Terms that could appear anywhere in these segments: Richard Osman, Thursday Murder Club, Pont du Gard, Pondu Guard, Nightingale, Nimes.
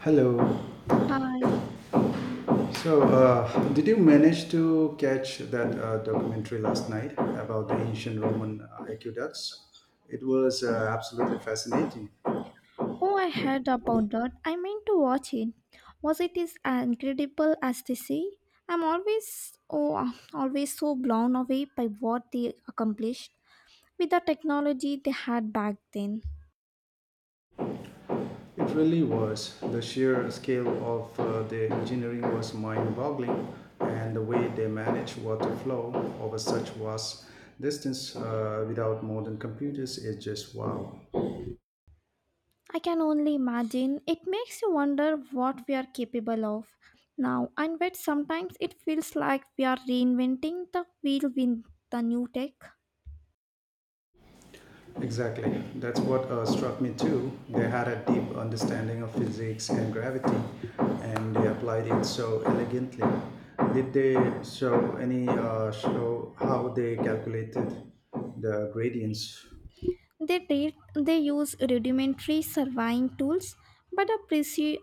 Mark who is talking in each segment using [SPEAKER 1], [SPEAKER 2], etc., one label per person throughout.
[SPEAKER 1] Hello.
[SPEAKER 2] Hi.
[SPEAKER 1] So, did you manage to catch that documentary last night about the ancient Roman aqueducts? It was absolutely fascinating.
[SPEAKER 2] Oh, I heard about that. I meant to watch it. Was it as incredible as they say? I'm always oh, always so blown away by what they accomplished with the technology they had back then.
[SPEAKER 1] It really was. The sheer scale of the engineering was mind boggling, and the way they managed water flow over such vast distance without modern computers is just wow.
[SPEAKER 2] I can only imagine. It makes you wonder what we are capable of now, and yet sometimes it feels like we are reinventing the wheel with the new tech.
[SPEAKER 1] Exactly. That's what struck me too. They had a deep understanding of physics and gravity, and they applied it so elegantly. Did they show any show how they calculated the gradients?
[SPEAKER 2] They did, they use rudimentary surveying tools, but the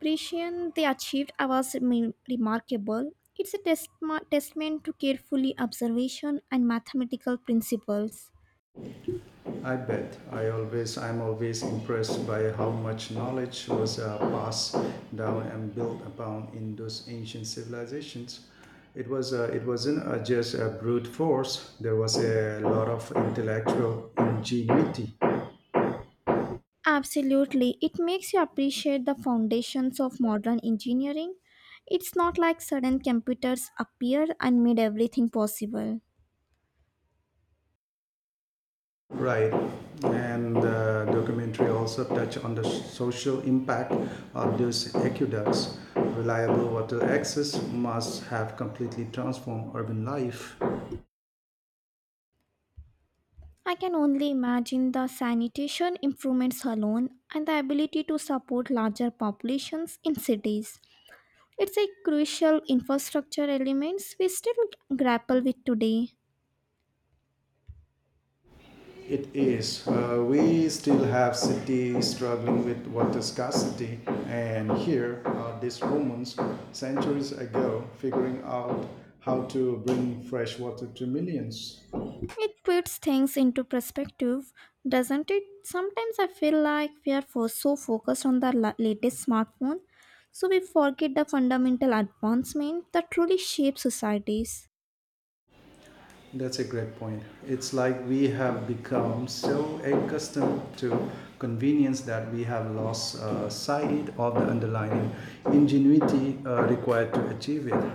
[SPEAKER 2] precision they achieved was remarkable. It's a testament to carefully observation and mathematical principles.
[SPEAKER 1] I bet. I'm always impressed by how much knowledge was passed down and built upon in those ancient civilizations. It wasn't just a brute force. There was a lot of intellectual ingenuity,
[SPEAKER 2] Absolutely, it makes you appreciate the foundations of modern engineering. It's not like sudden computers appeared and made everything possible.
[SPEAKER 1] right? And the documentary also touched on the social impact of those aqueducts. Reliable water access must have completely transformed urban life.
[SPEAKER 2] I can only imagine the sanitation improvements alone and the ability to support larger populations in cities. It's a crucial infrastructure elements we still grapple with today.
[SPEAKER 1] It is. We still have cities struggling with water scarcity, and here are these Romans centuries ago figuring out how to bring fresh water to millions.
[SPEAKER 2] It puts things into perspective, doesn't it? Sometimes I feel like we are so focused on the latest smartphone, so we forget the fundamental advancement that truly shapes societies.
[SPEAKER 1] That's a great point. It's like we have become so accustomed to convenience that we have lost sight of the underlying ingenuity required to achieve it.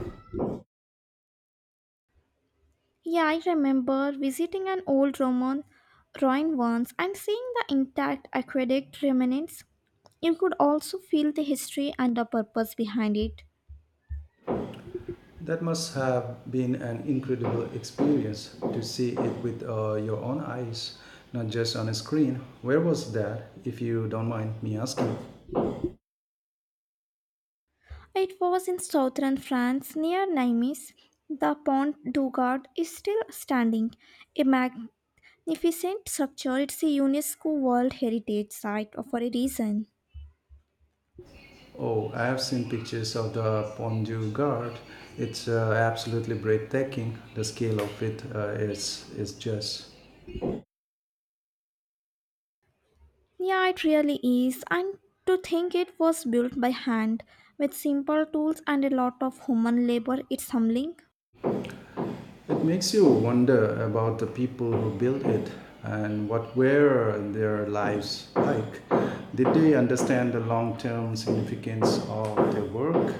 [SPEAKER 2] Yeah, I remember visiting an old Roman ruin once and seeing the intact aqueduct remnants. You could also feel the history and the purpose behind it.
[SPEAKER 1] That must have been an incredible experience to see it with your own eyes, not just on a screen. Where was that, if you don't mind me asking?
[SPEAKER 2] It was in southern France near Nimes. The Pont du Gard is still standing, a magnificent structure. It's a UNESCO World Heritage Site for a reason.
[SPEAKER 1] Oh, I have seen pictures of the Pondu Guard. It's absolutely breathtaking. The scale of it uh, is just.
[SPEAKER 2] Yeah, it really is. And to think it was built by hand with simple tools and a lot of human labor, it's humbling.
[SPEAKER 1] It makes you wonder about the people who built it and what were their lives like. Did they understand the long term significance of their work?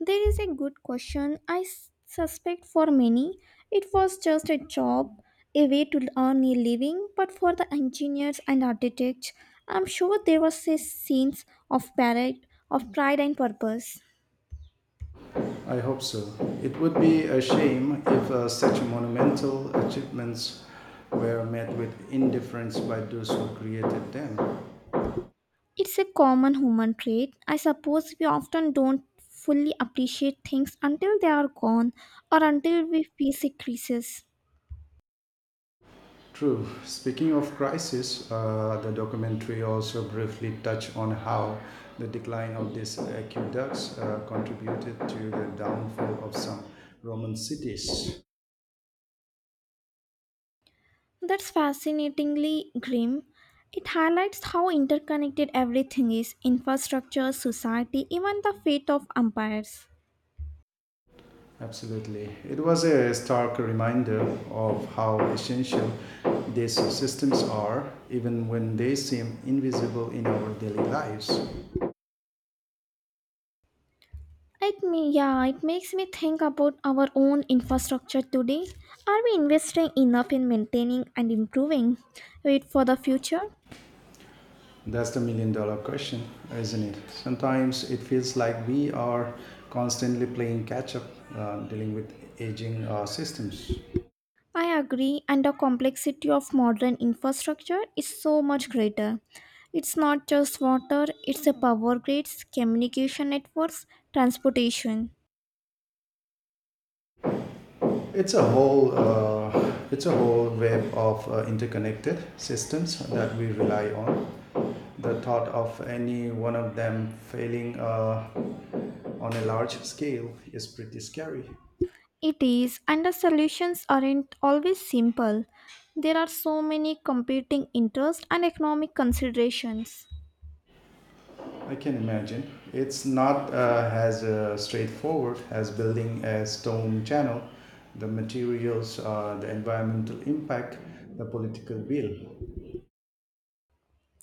[SPEAKER 2] There is a good question. I suspect for many it was just a job, a way to earn a living, but for the engineers and architects, I'm sure there was a sense of pride and purpose.
[SPEAKER 1] I hope so. It would be a shame if such monumental achievements were met with indifference by those who created them.
[SPEAKER 2] It's a common human trait. I suppose we often don't fully appreciate things until they are gone or until we face a crisis.
[SPEAKER 1] True. Speaking of crisis, the documentary also briefly touched on how the decline of these aqueducts contributed to the downfall of some Roman cities.
[SPEAKER 2] That's fascinatingly grim. It highlights how interconnected everything is infrastructure, society, even the fate of empires.
[SPEAKER 1] Absolutely. It was a stark reminder of how essential these systems are, even when they seem invisible in our daily lives.
[SPEAKER 2] Yeah, it makes me think about our own infrastructure today. Are we investing enough in maintaining and improving it for the future?
[SPEAKER 1] That's the million dollar question, isn't it? Sometimes it feels like we are constantly playing catch up, dealing with aging systems.
[SPEAKER 2] I agree, and the complexity of modern infrastructure is so much greater. It's not just water, it's a power grids, communication networks, transportation.
[SPEAKER 1] It's a whole web of interconnected systems that we rely on. The thought of any one of them failing on a large scale is pretty scary.
[SPEAKER 2] It is, and the solutions aren't always simple. There are so many competing interests and economic considerations.
[SPEAKER 1] I can imagine. It's not as straightforward as building a stone channel. The materials, the environmental impact, the political will.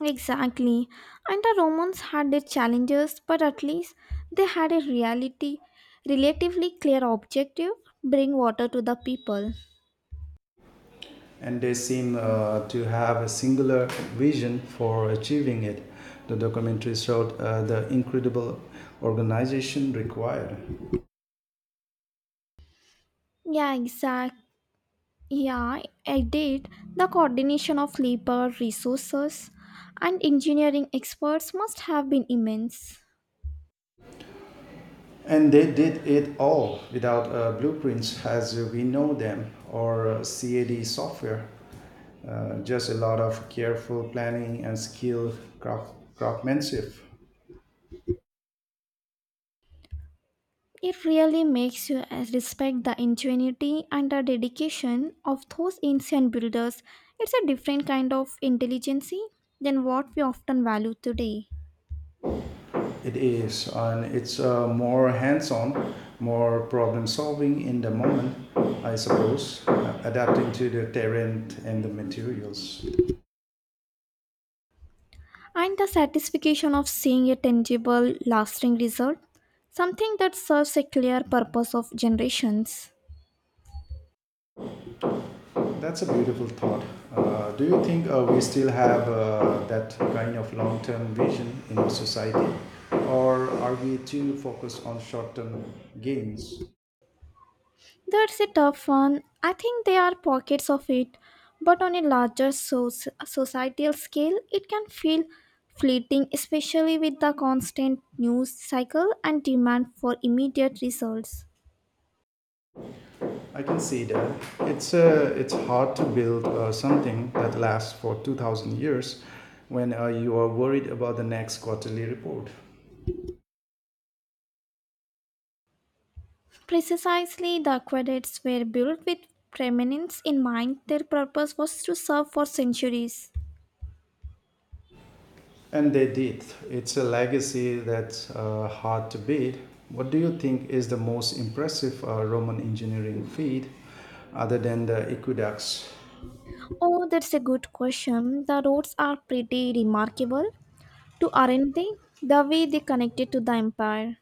[SPEAKER 2] Exactly, and the Romans had their challenges, but at least they had a relatively clear objective bring water to the people.
[SPEAKER 1] And they seem to have a singular vision for achieving it. The documentary showed the incredible organization required.
[SPEAKER 2] Yeah, exactly. Yeah, I did. The coordination of labor, resources, and engineering experts must have been immense.
[SPEAKER 1] And they did it all without blueprints as we know them or CAD software. Just a lot of careful planning and skilled craftsmanship.
[SPEAKER 2] It really makes you respect the ingenuity and the dedication of those ancient builders. It's a different kind of intelligence than what we often value today.
[SPEAKER 1] It is, and it's more hands-on, more problem-solving in the moment, I suppose, adapting to the terrain and the materials.
[SPEAKER 2] And the satisfaction of seeing a tangible, lasting result, something that serves a clear purpose of generations.
[SPEAKER 1] That's a beautiful thought. Do you think we still have that kind of long-term vision in our society, or are we too focused on short-term gains?
[SPEAKER 2] That's a tough one. I think there are pockets of it, but on a larger societal scale, it can feel fleeting, especially with the constant news cycle and demand for immediate results.
[SPEAKER 1] I can see that. It's hard to build something that lasts for 2,000 years when you are worried about the next quarterly report.
[SPEAKER 2] Precisely, the aqueducts were built with preeminence in mind. Their purpose was to serve for centuries.
[SPEAKER 1] And they did. It's a legacy that's hard to beat. What do you think is the most impressive Roman engineering feat other than the aqueducts?
[SPEAKER 2] Oh, that's a good question. The roads are pretty remarkable, to aren't they? The way they connected to the empire.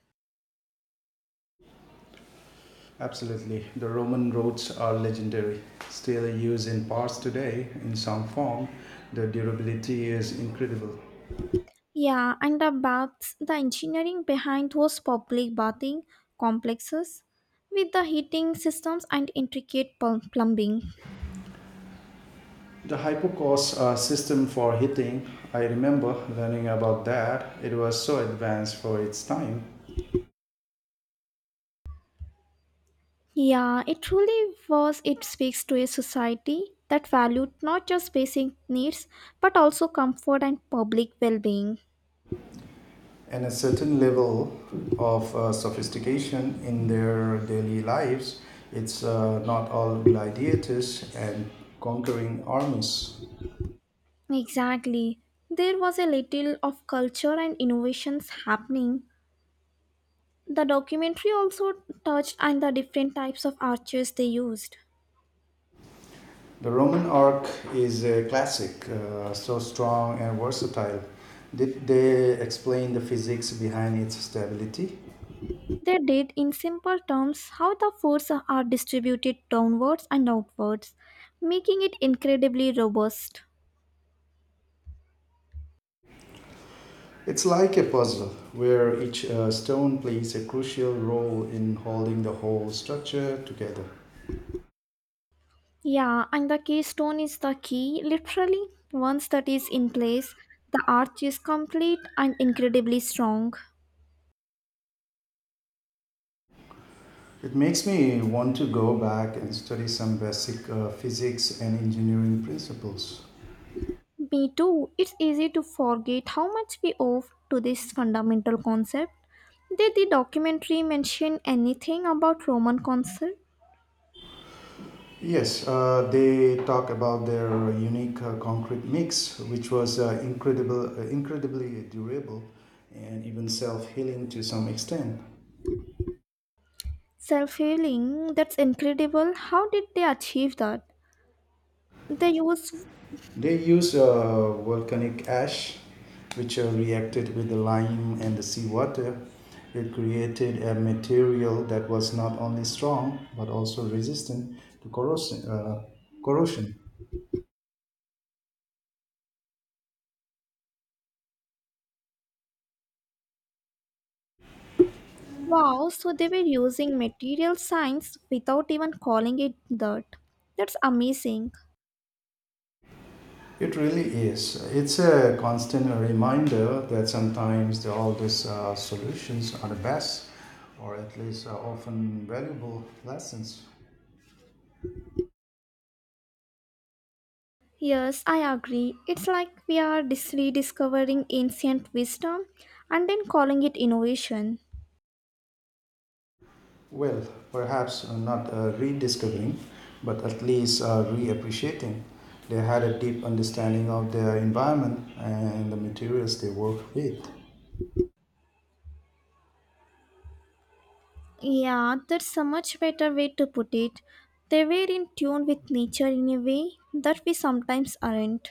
[SPEAKER 1] Absolutely. The Roman roads are legendary, still used in parts today in some form. The durability is incredible.
[SPEAKER 2] Yeah, and the baths, the engineering behind those public bathing complexes with the heating systems and intricate plumbing.
[SPEAKER 1] The hypocaust system for heating, I remember learning about that. It was so advanced for its time.
[SPEAKER 2] Yeah, it truly was, it speaks to a society that valued not just basic needs but also comfort and public well being.
[SPEAKER 1] And a certain level of sophistication in their daily lives. It's not all gladiators and conquering armies.
[SPEAKER 2] Exactly. There was a little of culture and innovations happening. The documentary also touched on the different types of arches they used.
[SPEAKER 1] The Roman arc is a classic, so strong and versatile. Did they explain the physics behind its stability?
[SPEAKER 2] They did, in simple terms, how the forces are distributed downwards and outwards, making it incredibly robust.
[SPEAKER 1] It's like a puzzle where each stone plays a crucial role in holding the whole structure together.
[SPEAKER 2] Yeah, and the keystone is the key. Literally, once that is in place, the arch is complete and incredibly strong.
[SPEAKER 1] It makes me want to go back and study some basic physics and engineering principles.
[SPEAKER 2] Me too, it's easy to forget how much we owe to this fundamental concept. Did the documentary mention anything about Roman concept?
[SPEAKER 1] Yes, they talk about their unique concrete mix, which was incredibly durable and even self healing to some extent.
[SPEAKER 2] Self healing, that's incredible. How did they achieve that? They use
[SPEAKER 1] They used volcanic ash, which reacted with the lime and the seawater. It created a material that was not only strong but also resistant to corrosion. Corrosion.
[SPEAKER 2] wow, so they were using material science without even calling it that. That's amazing.
[SPEAKER 1] It really is. It's a constant reminder that sometimes the oldest solutions are the best, or at least are often valuable lessons.
[SPEAKER 2] Yes, I agree. It's like we are rediscovering ancient wisdom and then calling it innovation.
[SPEAKER 1] Well, perhaps not rediscovering, but at least reappreciating. They had a deep understanding of their environment and the materials they work with,
[SPEAKER 2] Yeah, that's a much better way to put it. They were in tune with nature in a way that we sometimes aren't.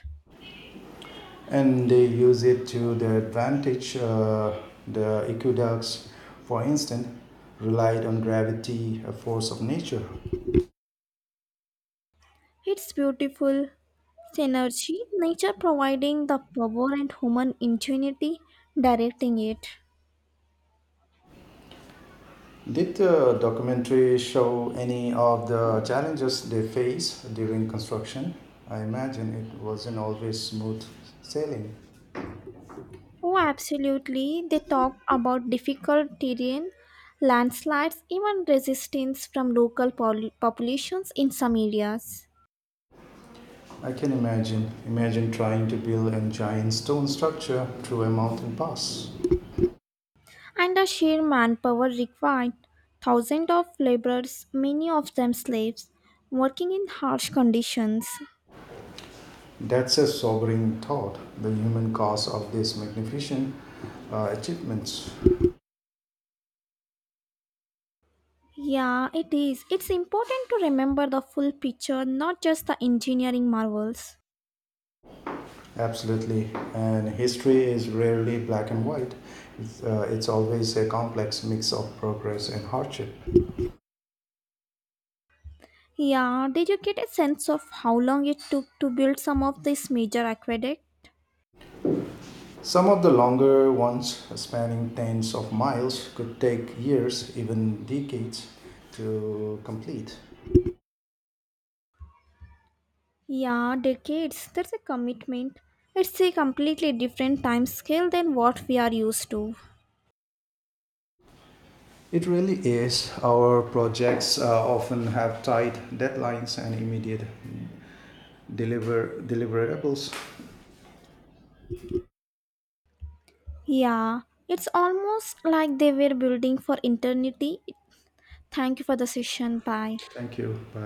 [SPEAKER 1] and they use it to their advantage. The aqueducts, for instance, relied on gravity, a force of nature.
[SPEAKER 2] It's beautiful synergy, nature providing the power and human ingenuity directing it.
[SPEAKER 1] Did the documentary show any of the challenges they face during construction? I imagine it wasn't always smooth sailing.
[SPEAKER 2] Oh, absolutely. They talk about difficult terrain, landslides, even resistance from local populations in some areas,
[SPEAKER 1] I can imagine. Imagine trying to build a giant stone structure through a mountain pass.
[SPEAKER 2] and the sheer manpower required. Thousands of laborers, many of them slaves, working in harsh conditions.
[SPEAKER 1] That's a sobering thought, the human cost of these magnificent achievements.
[SPEAKER 2] Yeah, it is. It's important to remember the full picture, not just the engineering marvels.
[SPEAKER 1] Absolutely. And history is rarely black and white, it's always a complex mix of progress and hardship.
[SPEAKER 2] Yeah, did you get a sense of how long it took to build some of these major aqueducts?
[SPEAKER 1] Some of the longer ones, spanning tens of miles, could take years, even decades, to complete.
[SPEAKER 2] Yeah, decades. That's a commitment. It's a completely different time scale than what we are used to.
[SPEAKER 1] It really is. Our projects often have tight deadlines and immediate deliverables.
[SPEAKER 2] Yeah, it's almost like they were building for eternity. Thank you for the session. Bye.
[SPEAKER 1] Thank you. Bye.